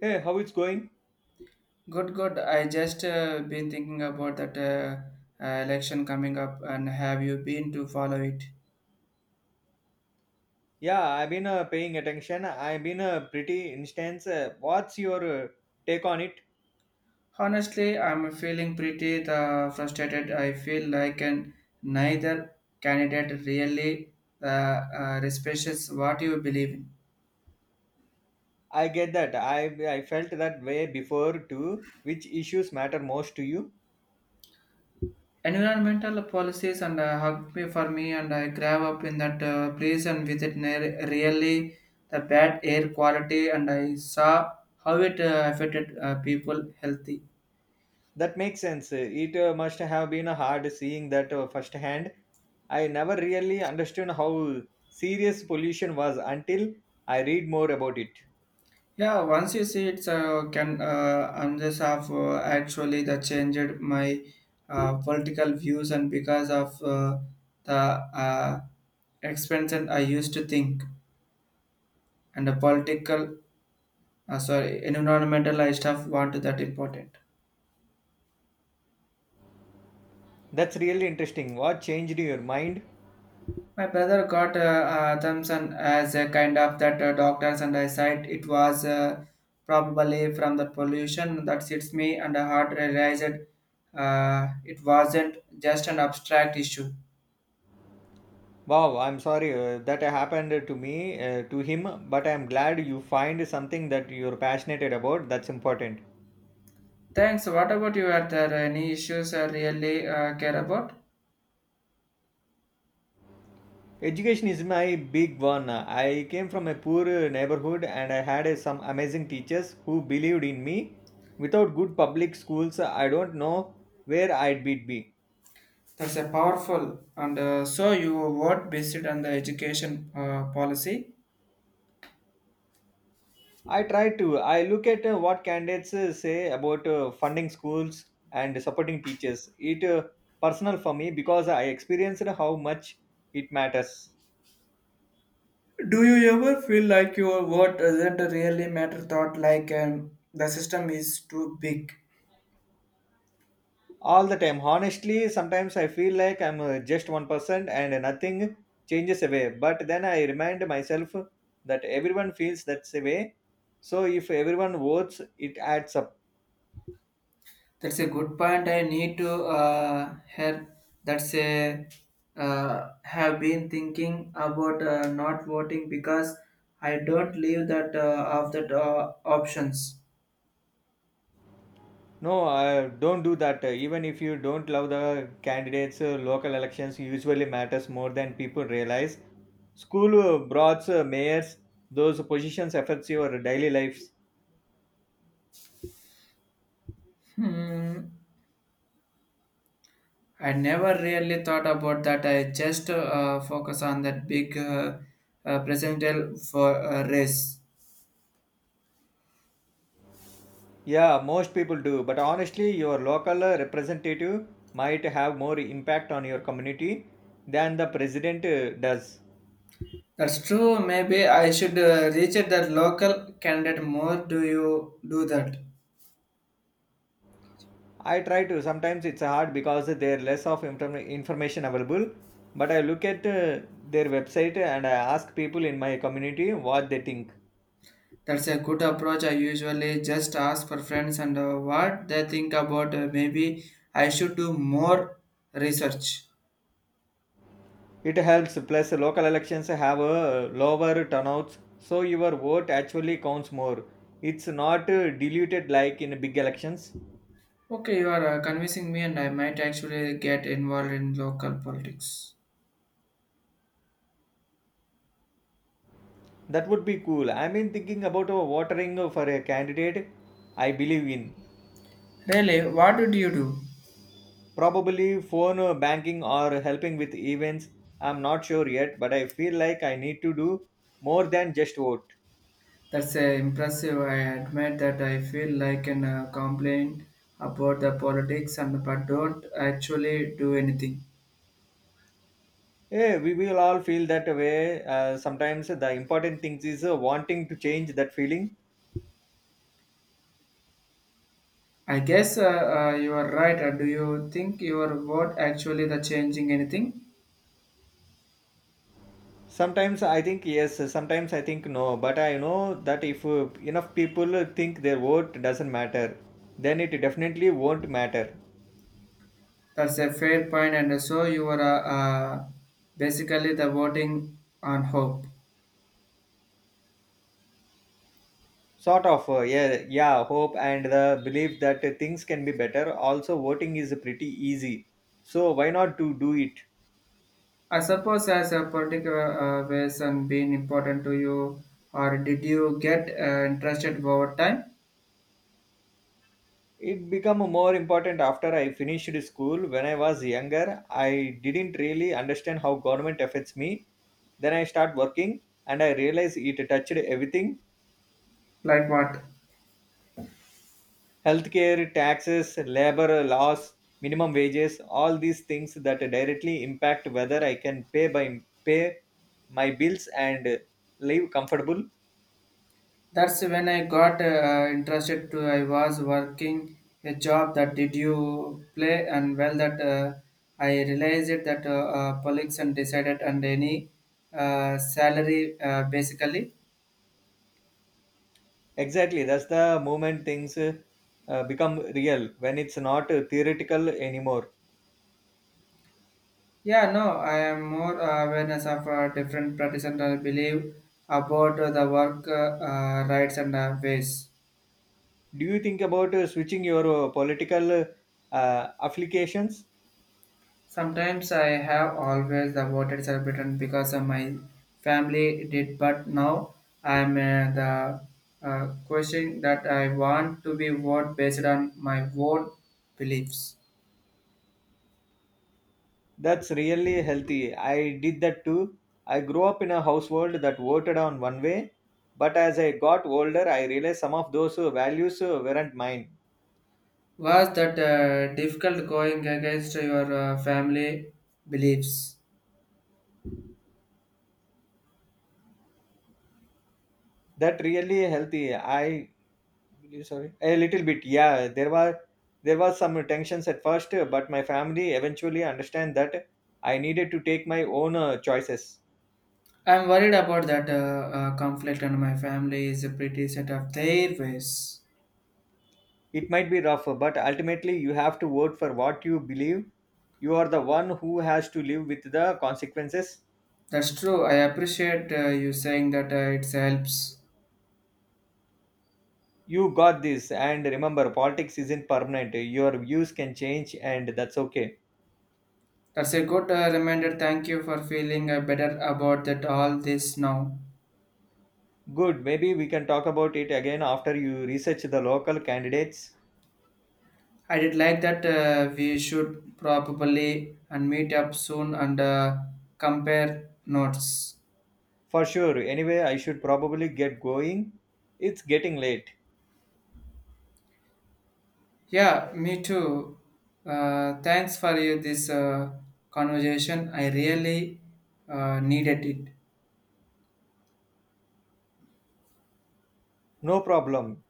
Hey, how it's going? Good, good. I just been thinking about that election coming up, and have you been to follow it? Yeah, I've been paying attention. I've been pretty instance. What's your take on it? Honestly, I'm feeling pretty the frustrated. I feel like and neither candidate really the respects what you believe in. I get that. I felt that way before too. Which issues matter most to you? Environmental policies and hug me for me, and I grew up in that place and with it really the bad air quality, and I saw how it affected people healthy. That makes sense. It must have been hard seeing that firsthand. I never really understood how serious pollution was until I read more about it. Yeah, once you see it, can I'm just have actually that changed my political views and because of the expense I used to think and the political sorry environmental I stuff want that important. That's really interesting. What changed your mind? My brother got Thompson as a kind of that doctors, and I said it was probably from the pollution that hits me, and I hard realized it wasn't just an abstract issue. Wow, I'm sorry that happened to me, to him, but I'm glad you find something that you're passionate about. That's important. Thanks. What about you? Are there any issues I really care about? Education is my big one. I came from a poor neighborhood and I had some amazing teachers who believed in me. Without good public schools, I don't know where I'd be. That's a powerful. And so you vote based on the education policy. I try to. I look at what candidates say about funding schools and supporting teachers. It personal for me because I experienced how much it matters. Do you ever feel like your vote doesn't really matter? Thought like the system is too big. All the time. Honestly, sometimes I feel like I'm just one person and nothing changes away. But then I remind myself that everyone feels that's a way. So if everyone votes, it adds up. That's a good point. I need to help. That's a have been thinking about not voting because I don't leave that of that options. No, don't do that. Even if you don't love the candidates, local elections usually matters more than people realize. School broads, mayors, those positions affects your daily lives. Hmm. I never really thought about that. I just focus on that big presidential for race. Yeah, most people do, but honestly, your local representative might have more impact on your community than the president does. That's true. Maybe I should reach out that local candidate more. Do you do that? I try to, sometimes it's hard because there are less of information available, but I look at their website and I ask people in my community what they think. That's a good approach. I usually just ask for friends and what they think about. Maybe I should do more research. It helps, plus local elections have a lower turnouts, so your vote actually counts more. It's not diluted like in big elections. Okay, you are convincing me, and I might actually get involved in local politics. That would be cool. I mean, thinking about watering for a candidate I believe in. Really, what did you do? Probably phone banking or helping with events. I'm not sure yet, but I feel like I need to do more than just vote. That's impressive. I admit that I feel like an complaint about the politics, and but don't actually do anything. Yeah, we will all feel that way. Sometimes the important things is wanting to change that feeling. I guess you are right. Do you think your vote actually the changing anything? Sometimes I think yes, sometimes I think no, but I know that if enough people think their vote doesn't matter, then it definitely won't matter. That's a fair point, and so you are basically the voting on hope. Sort of yeah, hope and the belief that things can be better. Also, voting is pretty easy, so why not to do it? I suppose as a particular ways and being important to you, or did you get interested over time? It became more important after I finished school. When I was younger, I didn't really understand how government affects me. Then I start working and I realized it touched everything. Like what? Healthcare, taxes, labor laws, minimum wages, all these things that directly impact whether I can pay my bills and live comfortable. That's when I got interested to. I was working a job that did you play, and well that I realized it that politics and decided and any salary basically. Exactly, that's the moment things become real when it's not theoretical anymore. Yeah, no, I am more awareness of different practitioners I believe about the work rights and ways. Do you think about switching your political affiliations? Sometimes I have always the voted celebrated because of my family did, but now I'm the question that I want to be vote based on my own beliefs. That's really healthy. I did that too. I grew up in a household that voted on one way, but as I got older, I realized some of those values weren't mine. Was that difficult going against your family beliefs? That really healthy. I Sorry, a little bit. Yeah, there was some tensions at first, but my family eventually understand that I needed to take my own choices. I'm worried about that conflict, and my family is pretty set of their ways. It might be rough, but ultimately you have to vote for what you believe. You are the one who has to live with the consequences. That's true. I appreciate you saying that it helps. You got this, and remember, politics isn't permanent. Your views can change, and that's okay. That's a good reminder. Thank you for feeling better about that all this now. Good. Maybe we can talk about it again after you research the local candidates. I did like that we should probably and meet up soon and compare notes. For sure. Anyway, I should probably get going. It's getting late. Yeah, me too. Thanks for you this conversation. I really needed it. No problem.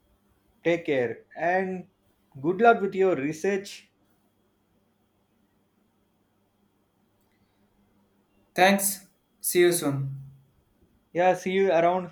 Take care and good luck with your research. Thanks. See you soon. Yeah, see you around.